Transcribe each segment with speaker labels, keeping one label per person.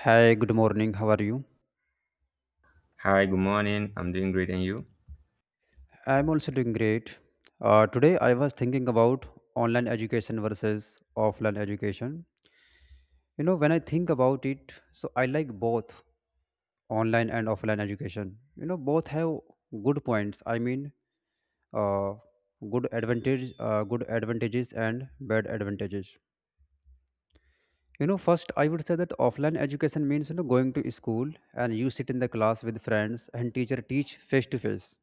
Speaker 1: Hi, good morning. How are you?
Speaker 2: Hi, good morning. I'm doing great, and you?
Speaker 1: I'm also doing great. Today, I was thinking about online education versus offline education. When I think about it, so I like both online and offline education. Both have good points. I mean, uh, good advantages and bad advantages. First, I would say that offline education means going to school, and you sit in the class with friends and teacher teach face to face.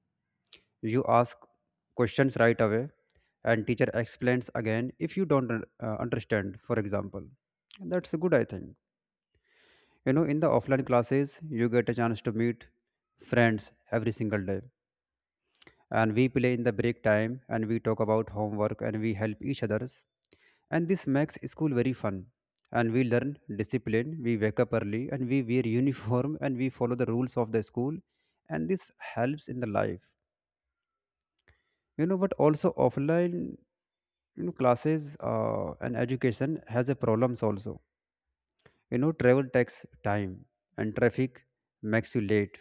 Speaker 1: You ask questions right away, and teacher explains again if you don't understand, for example. And that's good, I think. In the offline classes you get a chance to meet friends every single day, and we play in the break time, and we talk about homework, and we help each others, and this makes school very fun. And we learn discipline, we wake up early, and we wear uniform, and we follow the rules of the school, and this helps in the life. But also offline, classes and education has a problems also. Travel takes time, and traffic makes you late,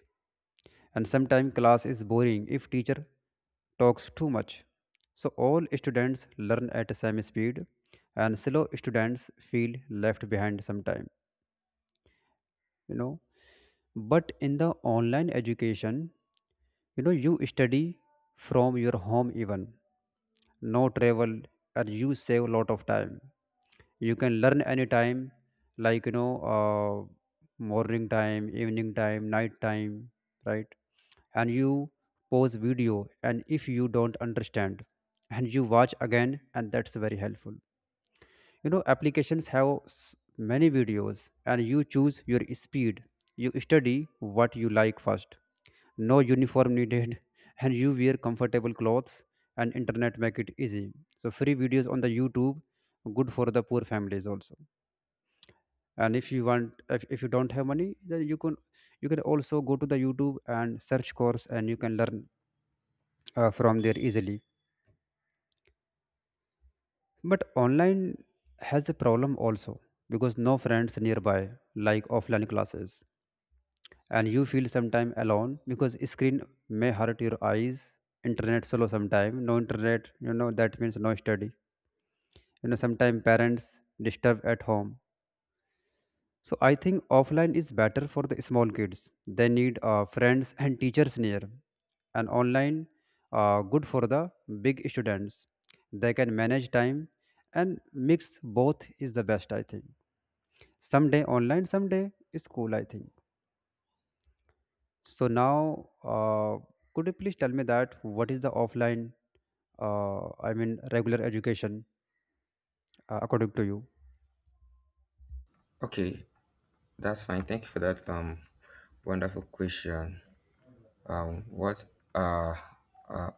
Speaker 1: and sometimes class is boring if teacher talks too much. So all students learn at the same speed, and slow students feel left behind sometime you know but in the online education, you study from your home even, no travel. And you save a lot of time, you can learn anytime, like, morning time, evening time, night time, right? And you pause video, and if you don't understand, and you watch again, and that's very helpful. Applications have many videos, and you choose your speed, you study what you like first. No uniform needed and you wear comfortable clothes, and internet make it easy. So free videos on the YouTube, good for the poor families also. And if you want, if you don't have money, then you can also go to the YouTube and search course, and you can learn from there easily. But online has a problem also, because no friends nearby like offline classes, and you feel sometime alone because screen may hurt your eyes. Internet solo sometime, no internet, that means no study. Sometime parents disturb at home. So I think offline is better for the small kids, they need friends and teachers near, and online, good for the big students, they can manage time. And mix both is the best, I think. Someday online, someday school, I think. So now, could you please tell me that what is the offline, I mean, regular education according to you?
Speaker 2: Okay, that's fine. Thank you for that wonderful question. What are uh,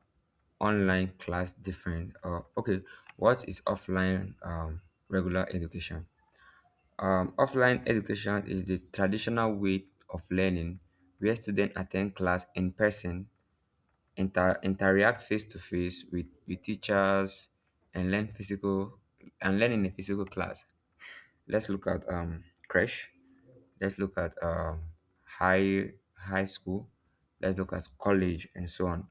Speaker 2: online class different? Okay, what is offline regular education? Offline education is the traditional way of learning where students attend class in person, interact face to face with teachers, and learn physical and learn in a physical class. Let's look at crash. Let's look at high school. Let's look at college and so on.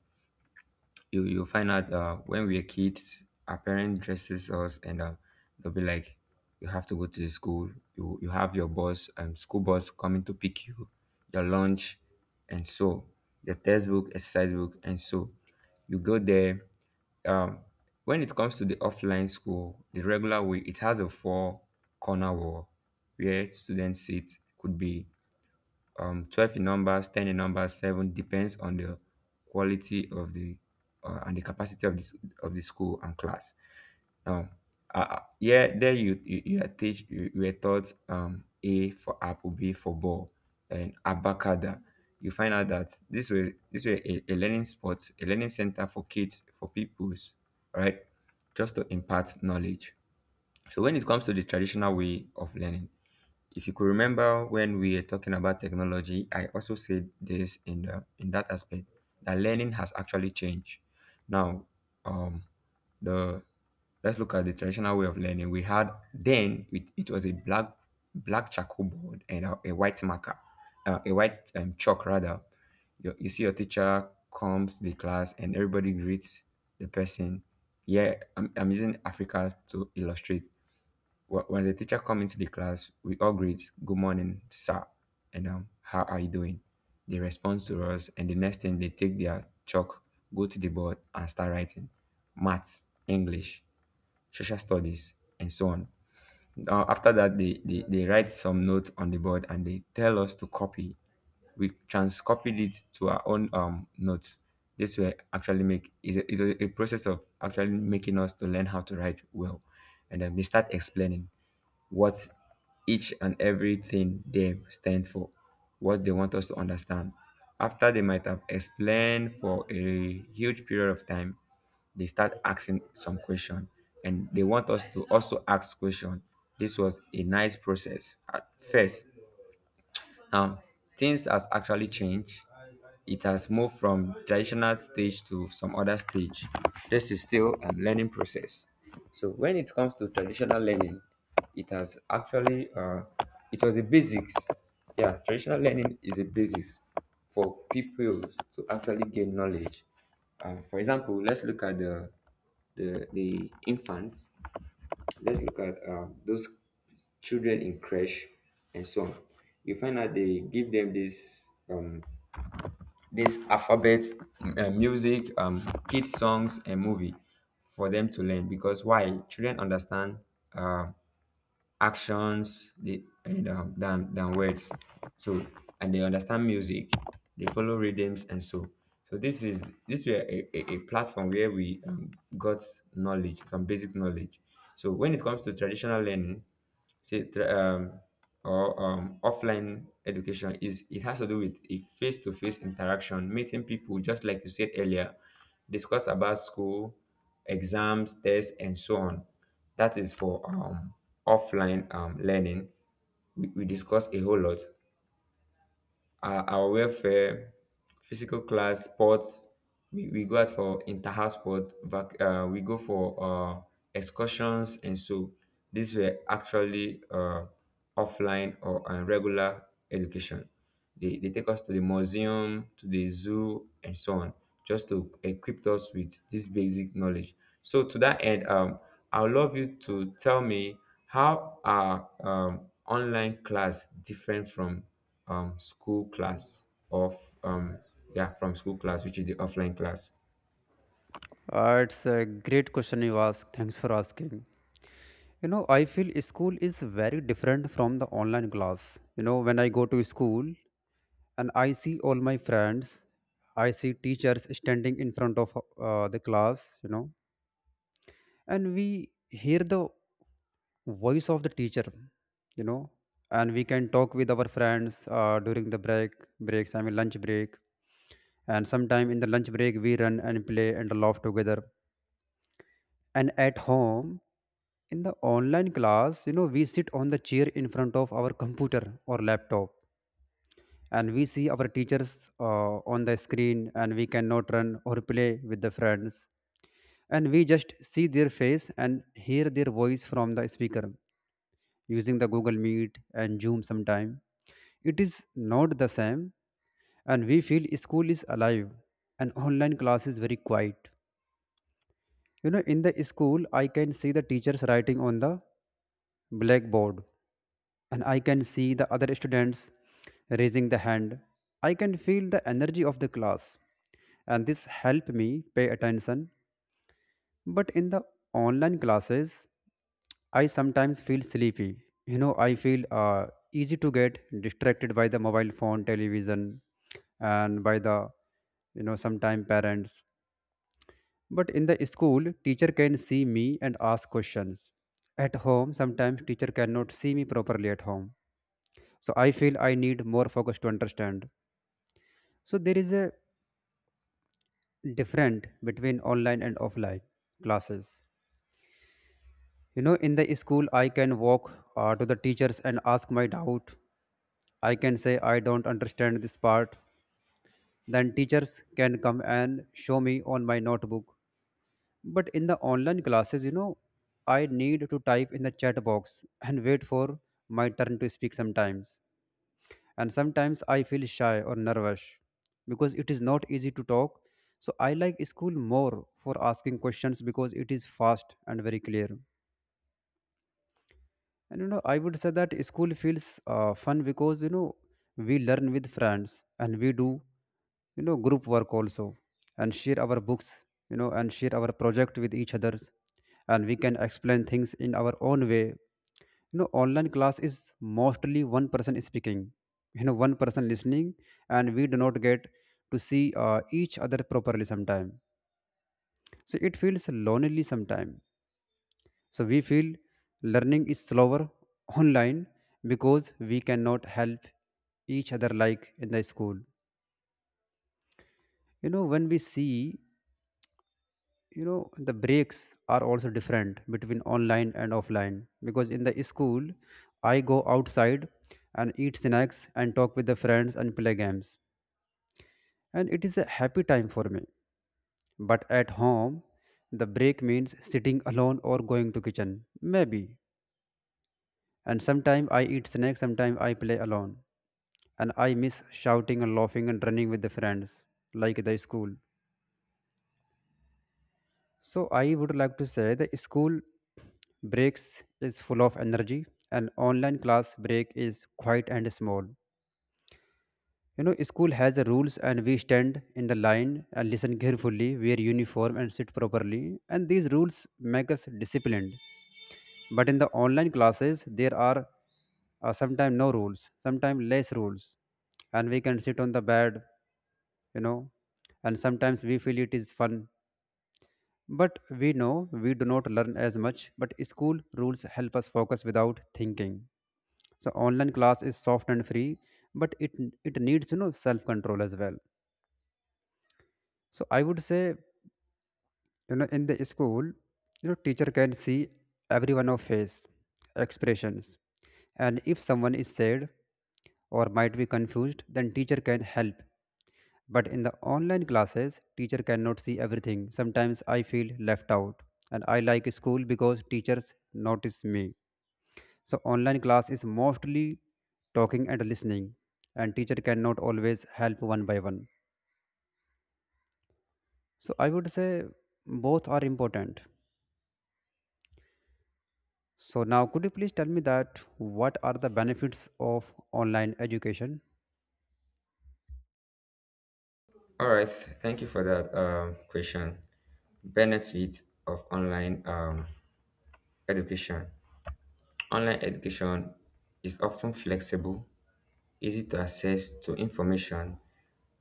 Speaker 2: You find out when we are kids, our parent dresses us, and they'll be like, "You have to go to the school. You have your bus school bus coming to pick you, your lunch, and so your textbook, exercise book, and so you go there. Um, when it comes to the offline school, the regular way, it has a four corner wall where students sit could be 12 in numbers, 10 in numbers, 7 depends on the quality of the and the capacity of this of the school and class. Now, yeah, there you, you are taught A for apple, B for ball, and abacada. You find out that this way a learning spot, a learning center for kids for pupils, right? Just to impart knowledge. So when it comes to the traditional way of learning, if you could remember when we were talking about technology, I also said this in the in that aspect that learning has actually changed. Now, um, the let's look at the traditional way of learning. We had then it was a black charcoal board and a white marker, a white chalk rather. You see your teacher comes to the class and everybody greets the person. Yeah, I'm using Africa to illustrate. When the teacher come into the class, we all greet, good morning, sir, and how are you doing? They respond to us, and the next thing they take their chalk, go to the board, and start writing math, English, social studies, and so on. After that they write some notes on the board and they tell us to copy. We transcopied it to our own notes. This will actually make is a process of actually making us to learn how to write well. And then they start explaining what each and everything they stand for, what they want us to understand. After they might have explained for a huge period of time, they start asking some question, and they want us to also ask question. This was a nice process at first. Now, things has actually changed. It has moved from traditional stage to some other stage. This is still a learning process. So when it comes to traditional learning, it has actually it was the basics. Yeah, traditional learning is a basis for people to actually gain knowledge. For example, let's look at the infants. Let's look at those children in crash and so on. You find out they give them this this alphabet, music, kids songs, and movie for them to learn because why? Children understand uh, actions than words. So and they understand music, they follow rhythms and so. So this is this were a platform where we got knowledge, some basic knowledge. So when it comes to traditional learning, say tra- or offline education is it has to do with a face-to-face interaction, meeting people, just like you said earlier, discuss about school, exams, tests, and so on. That is for offline learning. We discuss a whole lot, our welfare, physical class, sports. We go out for inter-house sport. We go for excursions, and so these were actually offline or regular education. They take us to the museum, to the zoo, and so on, just to equip us with this basic knowledge. So to that end, I would love you to tell me how are online class different from school class of um, yeah from school class which is the offline class.
Speaker 1: It's a great question you ask. Thanks for asking. I feel school is very different from the online class. When I go to school and I see all my friends, I see teachers standing in front of the class, and we hear the voice of the teacher you know and we can talk with our friends during the breaks, I mean lunch break. And sometime in the lunch break we run and play and laugh together. And at home, in the online class, we sit on the chair in front of our computer or laptop, and we see our teachers on the screen, and we cannot run or play with the friends, and we just see their face and hear their voice from the speaker, using the Google Meet and Zoom sometime. It is not the same, and we feel school is alive and online class is very quiet. In the school I can see the teachers writing on the blackboard, and I can see the other students raising the hand. I can feel the energy of the class, and this helped me pay attention. But in the online classes, I sometimes feel sleepy. I feel easy to get distracted by the mobile phone, television, and by the, sometime parents. But in the school, teacher can see me and ask questions. At home, sometimes teacher cannot see me properly at home. So I feel I need more focus to understand. So there is a different between online and offline classes. In the school, I can walk to the teachers and ask my doubt. I can say, I don't understand this part. Then teachers can come and show me on my notebook. But in the online classes, I need to type in the chat box and wait for my turn to speak sometimes. And sometimes I feel shy or nervous because it is not easy to talk. So I like school more for asking questions because it is fast and very clear. And I would say that school feels fun because we learn with friends, and we do group work also, and share our books, and share our project with each others, and we can explain things in our own way. Online class is mostly one person speaking, one person listening, and we do not get to see each other properly sometime. So it feels lonely sometime, so we feel learning is slower online because we cannot help each other like in the school. You know, when we see, you know, the breaks are also different between online and offline because in the school, I go outside and eat snacks and talk with the friends and play games. And it is a happy time for me. But at home, the break means sitting alone or going to kitchen. Maybe. And sometimes I eat snacks, sometimes I play alone. And I miss shouting and laughing and running with the friends, like the school. So I would like to say the school breaks is full of energy and online class break is quiet and small. School has a rules and we stand in the line and listen carefully, wear uniform and sit properly. And these rules make us disciplined. But in the online classes there are sometimes no rules, sometimes less rules, and we can sit on the bed, you know and sometimes we feel it is fun, but we know we do not learn as much. But school rules help us focus without thinking. So online class is soft and free, but it needs, self control as well. So I would say, in the school, teacher can see everyone of face expressions, and if someone is sad or might be confused, then teacher can help. But in the online classes, teacher cannot see everything, sometimes I feel left out. And I like school because teachers notice me. So online class is mostly talking and listening, and teacher cannot always help one by one. So I would say both are important. So now, could you please tell me that what are the benefits of online education?
Speaker 2: All right, thank you for that question. Benefits of online education. Online education is often flexible, easy to access to information,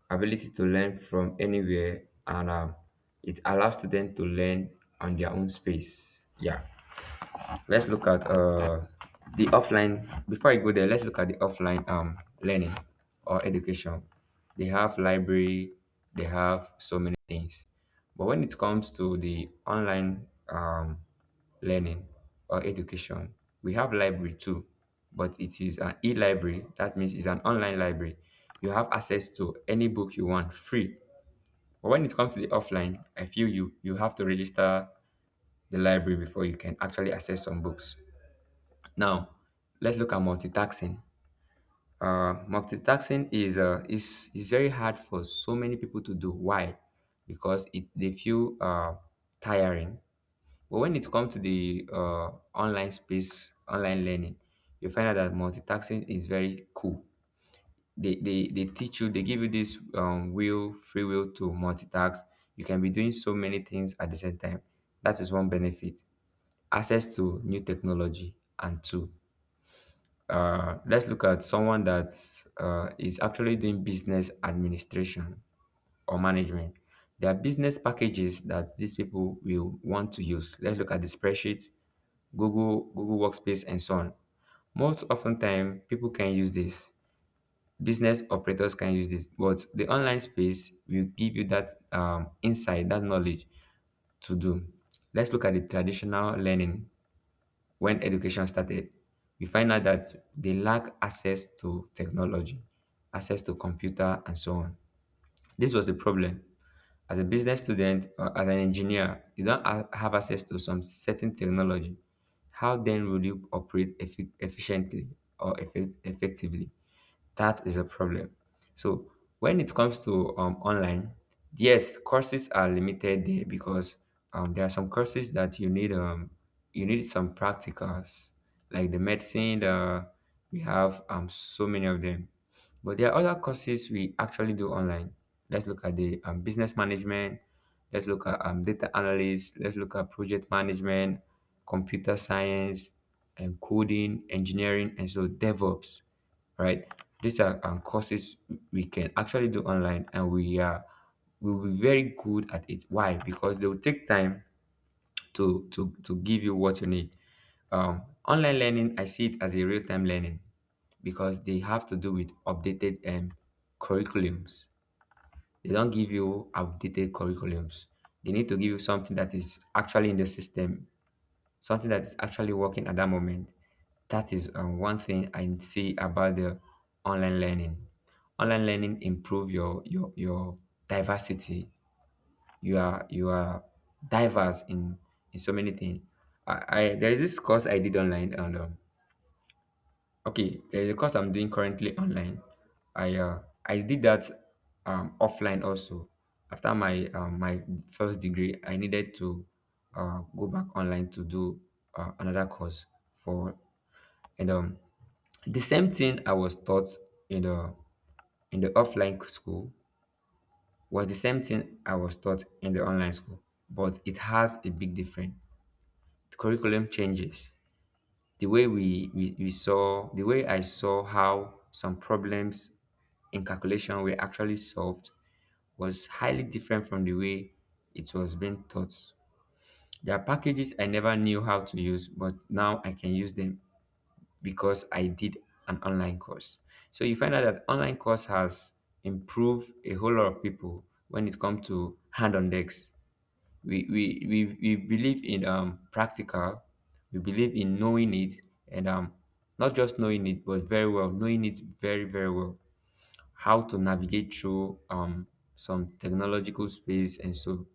Speaker 2: ability to learn from anywhere, and it allows students to learn on their own space, yeah. Let's look at the offline. Before I go there, let's look at the offline learning or education. They have library, they have so many things. But when it comes to the online learning or education, we have library too, but it is an e-library. That means it's an online library. You have access to any book you want free. But when it comes to the offline, I feel you have to register the library before you can actually access some books. Now, let's look at multitasking. Multitasking is is very hard for so many people to do. Why? Because it they feel tiring. But when it comes to the online space, online learning, you find out that multitasking is very cool. They teach you, they give you this free will to multitask. You can be doing so many things at the same time. That is one benefit. Access to new technology, and two, let's look at someone that is actually doing business administration or management. There are business packages that these people will want to use. Let's look at the spreadsheet, Google Workspace, and so on. Most often time, people can use this. Business operators can use this, but the online space will give you that insight, that knowledge to do. Let's look at the traditional learning. When education started, we find out that they lack access to technology, access to computer, and so on. This was the problem. As a business student or as an engineer, you don't have access to some certain technology. How then will you operate efficiently or effectively? That is a problem. So when it comes to online, yes, courses are limited there because there are some courses that you need some practicals like the medicine. We have so many of them, but there are other courses we actually do online. Let's look at the business management. Let's look at data analysis. Let's look at project management, computer science, and coding, engineering, and so DevOps, right? These are courses we can actually do online, and we will be very good at it. Why? Because they will take time to give you what you need. Online learning, I see it as a real time learning because they have to do with updated curriculums. They don't give you outdated curriculums. They need to give you something that is actually in the system, something that is actually working at that moment. That is one thing I see about the online learning. Online learning improve your diversity. You are diverse in so many things. I, I there is this course I did online and okay, there's a course I'm doing currently online. I uh, I did that offline also. After my first degree, I needed to go back online to do another course for and the same thing I was taught in the offline school was the same thing I was taught in the online school, but it has a big difference. The curriculum changes. The way we saw, the way I saw how some problems in calculation were actually solved was highly different from the way it was being taught. There are packages I never knew how to use, but now I can use them because I did an online course. So you find out that online course has improved a whole lot of people when it comes to hand on decks. We believe in practical. We believe in knowing it, and not just knowing it, but very well knowing it, very well, how to navigate through some technological space and so.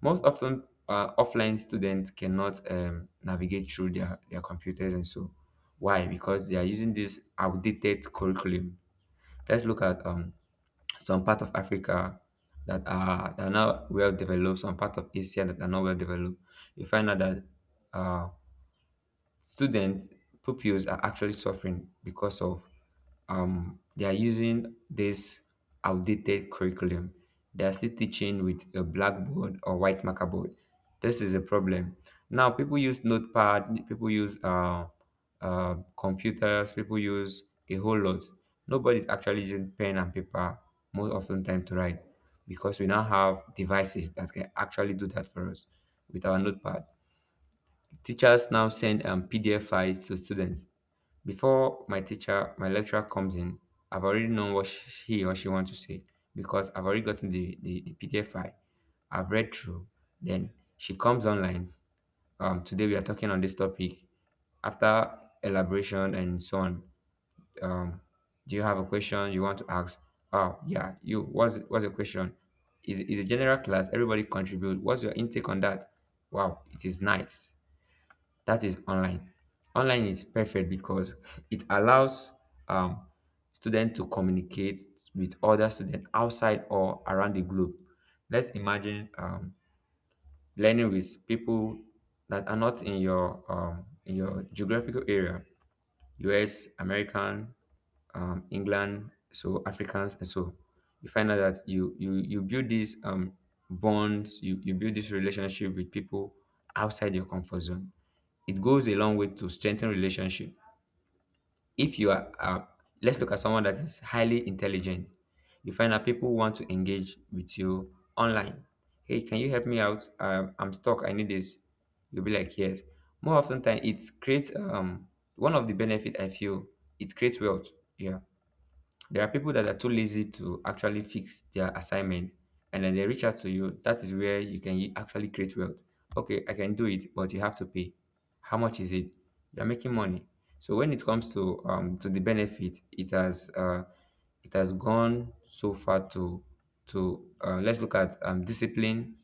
Speaker 2: Most often, offline students cannot navigate through their computers and so. Why? Because they are using this outdated curriculum. Let's look at some part of Africa that are not well developed, some part of Asia that are not well developed. You find out that uh, students pupils are actually suffering because of they are using this outdated curriculum. They are still teaching with a blackboard or white marker board. This is a problem. Now people use notepad, people use computers, people use a whole lot. Nobody's actually using pen and paper most often time to write, because we now have devices that can actually do that for us with our notepad. Teachers now send PDF files to students. Before my teacher, my lecturer comes in, I've already known what he or she wants to say, because I've already gotten the PDF file. I've read through. Then she comes online. Today we are talking on this topic. After elaboration and so on, um, do you have a question you want to ask? Oh yeah, you what's the question? Is a general class? Everybody contribute. What's your intake on that? Wow, it is nice that is online. Online is perfect because it allows um, students to communicate with other students outside or around the globe. Let's imagine learning with people that are not in your in your geographical area. US, American, England, so Africans, and so you find out that you build these bonds, you build this relationship with people outside your comfort zone. It goes a long way to strengthen relationship. If you are, let's look at someone that is highly intelligent. You find that people want to engage with you online. Hey, can you help me out? I'm stuck. I need this. You'll be like, yes. More often than it creates one of the benefit I feel it creates wealth. Yeah. There are people that are too lazy to actually fix their assignment, and then they reach out to you. That is where you can actually create wealth. Okay, I can do it, but you have to pay. How much is it? You're making money. So when it comes to to the benefit, it has gone so far to let's look at discipline,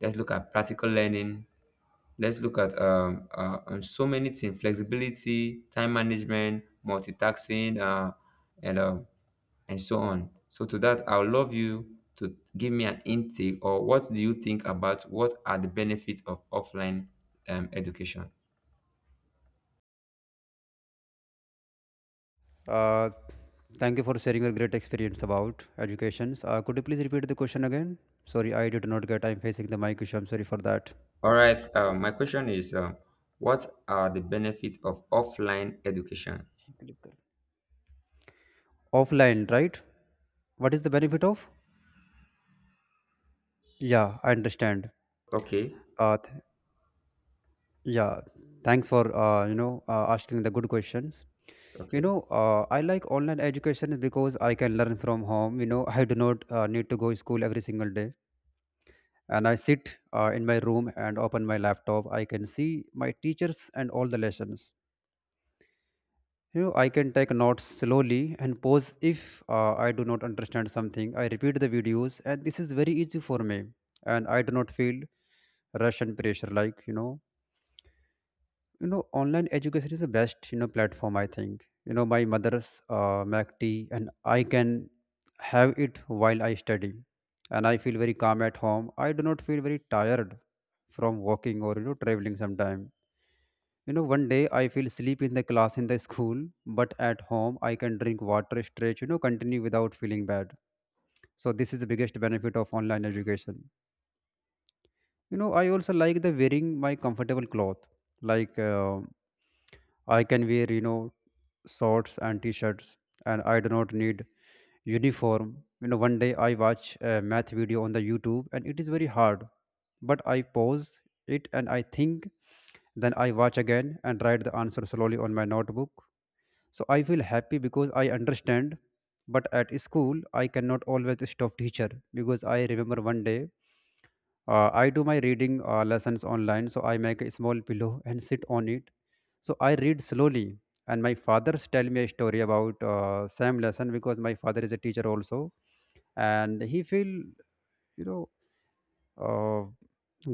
Speaker 2: let's look at practical learning. Let's look at so many things: flexibility, time management, multitasking, and um, and so on. So to that, I would love you to give me an intake, or what do you think about what are the benefits of offline education?
Speaker 1: Uh, Thank you for sharing your great experience about educations. Could you please repeat the question again? Sorry, I did not get. I'm facing the mic issue. I'm sorry for that.
Speaker 2: All right. My question is, what are the benefits of offline education?
Speaker 1: Offline, right? What is the benefit of? Yeah, I understand.
Speaker 2: Okay.
Speaker 1: Uh, th- yeah, thanks for asking the good questions.
Speaker 2: Okay.
Speaker 1: I like online education because I can learn from home. You know, I do not need to go to school every single day. And I sit in my room and open my laptop. I can see my teachers and all the lessons. You know, I can take notes slowly and pause if I do not understand something. I repeat the videos and this is very easy for me, and I do not feel rush and pressure like you know. Online education is the best, you know, platform I think. You know, my mother's mac tea and I can have it while I study, and I feel very calm at home. I do not feel very tired from walking or, you know, traveling sometime. You know, one day I feel sleep in the class in the school, but at home I can drink water, stretch, you know, continue without feeling bad. So this is the biggest benefit of online education. You know, I also like the wearing my comfortable cloth like I can wear, shorts and t-shirts, and I do not need uniform. You know, one day I watch a math video on the YouTube and it is very hard, but I pause it and I think, then I watch again and write the answer slowly on my notebook. So I feel happy because I understand. But at school I cannot always stop teacher because I remember one day I do my reading lessons online, so I make a small pillow and sit on it. So I read slowly, and my fathers tell me a story about same lesson because my father is a teacher also, and he feel, you know, uh,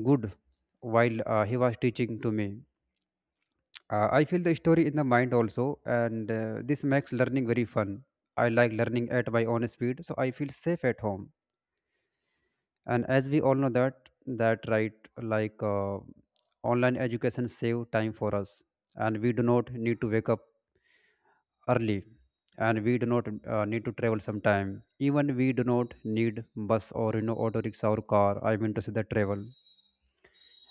Speaker 1: good while he was teaching to me. I feel the story in the mind also, and this makes learning very fun. I like learning at my own speed, so I feel safe at home. And as we all know that, that right, like online education save time for us, and we do not need to wake up early, and we do not need to travel sometime. Even we do not need bus or, you know, auto rickshaw or car. I mean to say the travel.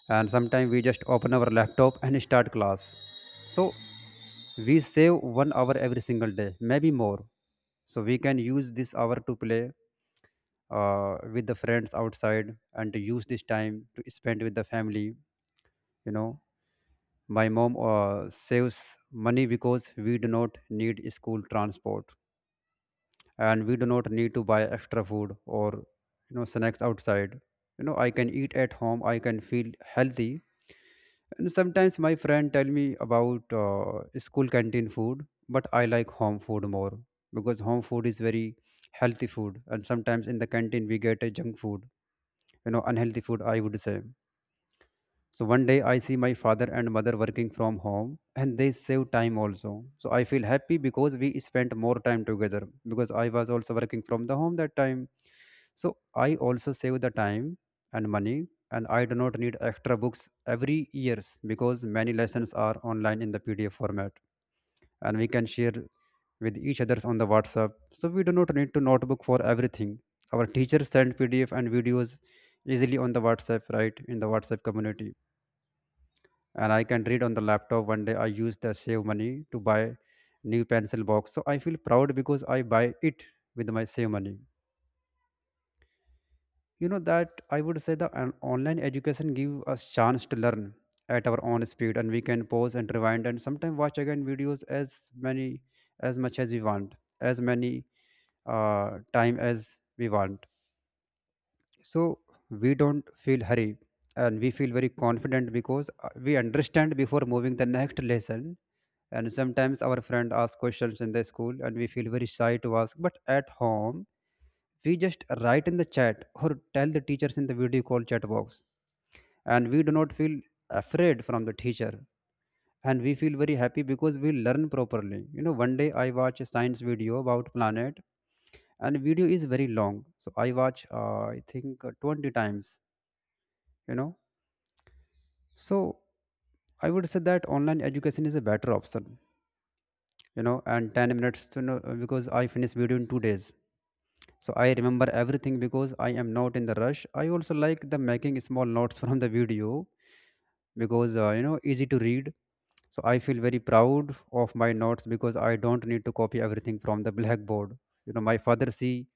Speaker 1: And sometimes we just open our laptop and start class. So we save 1 hour every single day, maybe more. So we can use this hour to play with the friends outside and to use this time to spend with the family. You know, my mom saves money because we do not need school transport, and we do not need to buy extra food or, you know, snacks outside. You know, I can eat at home. I can feel healthy. And sometimes my friend tell me about school canteen food, but I like home food more because home food is very healthy food. And sometimes in the canteen we get a junk food, you know, unhealthy food, I would say. So one day I see my father and mother working from home and they save time also. So I feel happy because we spent more time together because I was also working from the home that time. So I also save the time and money, and I do not need extra books every years because many lessons are online in the PDF format, and we can share with each others on the WhatsApp. So we do not need to notebook for everything. Our teachers send PDF and videos easily on the WhatsApp, right? In the WhatsApp community, and I can read on the laptop. One day I use the save money to buy new pencil box. So I feel proud because I buy it with my save money. You know that I would say the online education give us chance to learn at our own speed, and we can pause and rewind and sometimes watch again videos as many as much as we want, as many time as we want. So we don't feel hurry and we feel very confident because we understand before moving the next lesson. And sometimes our friend asks questions in the school and we feel very shy to ask, but at home we just write in the chat or tell the teachers in the video call chat box, and we do not feel afraid from the teacher, and we feel very happy because we learn properly. You know, one day I watch a science video about planet and video is very long, so I watch I think 20 times, you know. So I would say that online education is a better option, you know, and 10 minutes, you know, because I finish video in 2 days. So I remember everything because I am not in the rush. I also like the making small notes from the video because you know, easy to read. So I feel very proud of my notes because I don't need to copy everything from the blackboard. You know, my father see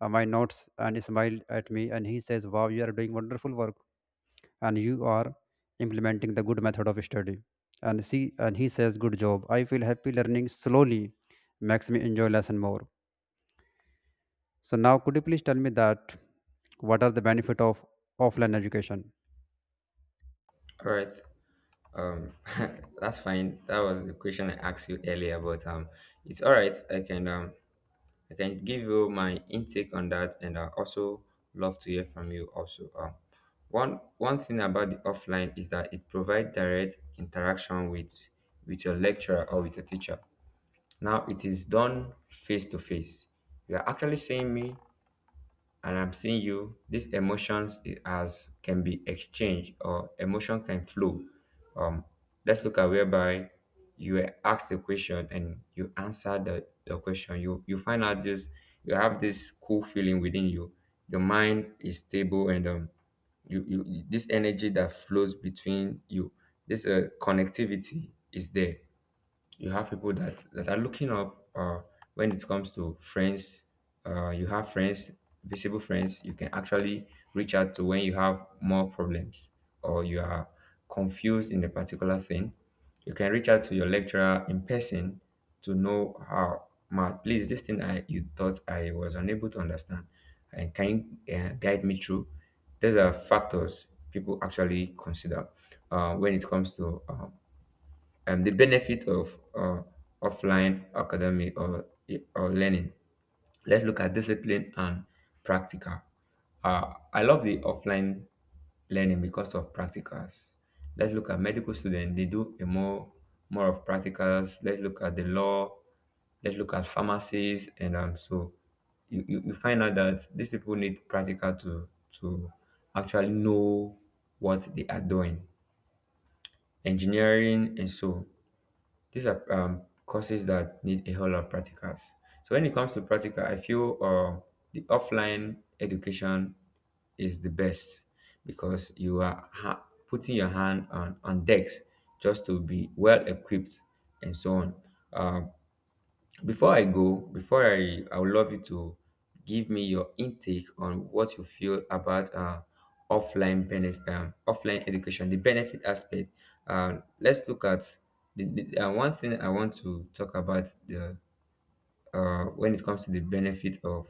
Speaker 1: my notes and smile at me and he says, "Wow, you are doing wonderful work and you are implementing the good method of study." And see, and he says, "Good job." I feel happy learning slowly makes me enjoy lesson more. So now, could you please tell me that what are the benefit of offline education?
Speaker 2: All right. Um, that's fine. That was the question I asked you earlier, but it's all right. I can give you my intake on that, and I also love to hear from you. Also, one thing about the offline is that it provides direct interaction with your lecturer or with your teacher. Now it is done face to face. You are actually seeing me, and I'm seeing you. These emotions as can be exchanged, or emotion can flow. um let's look at whereby you were asked a question and you answer the question. You find out this you have this cool feeling within you. Your mind is stable, and you this energy that flows between you, this connectivity is there. You have people that that are looking up. When it comes to friends, you have friends, visible friends you can actually reach out to when you have more problems, or you are confused in a particular thing. You can reach out to your lecturer in person to know how. Ma, please, this thing I you thought I was unable to understand, and can you guide me through. These are factors people actually consider when it comes to the benefits of offline academic, or learning. Let's look at discipline and practical. I love the offline learning because of practicals. Let's look at medical students. They do a more more of practicals. Let's look at the law. Let's look at pharmacies and. So you find out that these people need practical to actually know what they are doing. Engineering and so, these are courses that need a whole lot of practicals. So when it comes to practical, I feel the offline education is the best, because you are putting your hand on decks just to be well equipped and so on. Um, before I go, before I would love you to give me your intake on what you feel about offline benefit, offline education, the benefit aspect. Let's look at the one thing I want to talk about the when it comes to the benefit of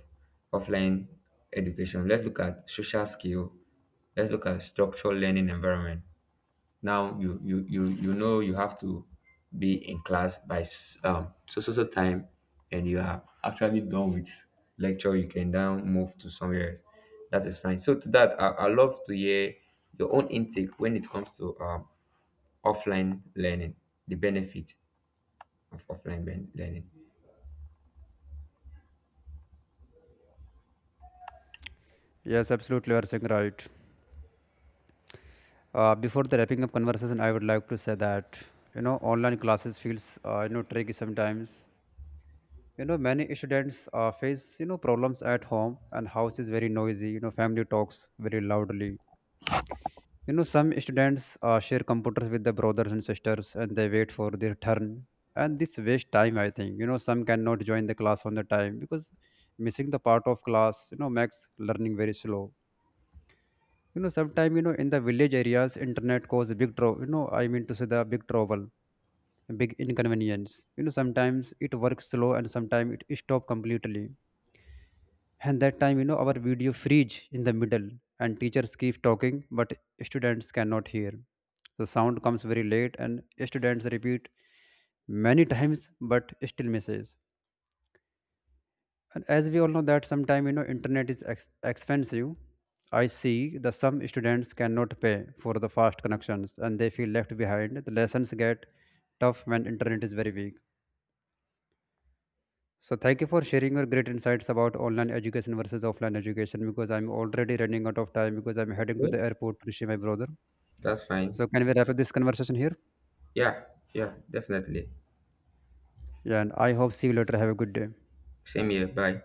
Speaker 2: offline education. Let's look at social skill. Let's look at structural learning environment. Now you know you have to be in class by so time, and you are lecture you can now move to somewhere else. That is fine. So to that I love to hear your own intake when it comes to offline learning, the benefit of offline learning.
Speaker 1: Yes, absolutely, you are saying right. Before the wrapping up conversation, I would like to say that, you know, online classes feels you know, tricky sometimes. You know, many students face, you know, problems at home, and house is very noisy. You know, family talks very loudly. You know, some students share computers with the brothers and sisters and they wait for their turn. And this waste time, I think. You know, some cannot join the class on the time because missing the part of class, you know, makes learning very slow. You know, sometimes, you know, in the village areas, internet cause big trouble. You know, I mean to say the big trouble, big inconvenience. You know, sometimes it works slow and sometimes it stop completely, and that time, you know, our video freeze in the middle, and teachers keep talking but students cannot hear. So sound comes very late and students repeat many times but still misses. And as we all know that sometime, you know, internet is expensive. I see the some students cannot pay for the fast connections and they feel left behind. The lessons get tough when internet is very weak. So thank you for sharing your great insights about online education versus offline education because I'm already running out of time because I'm heading to
Speaker 2: Okay.
Speaker 1: the airport to see my brother.
Speaker 2: That's fine.
Speaker 1: So can we wrap up this conversation here?
Speaker 2: Yeah, yeah, definitely.
Speaker 1: Yeah, and I hope see you later. Have a good day.
Speaker 2: Same here. Bye.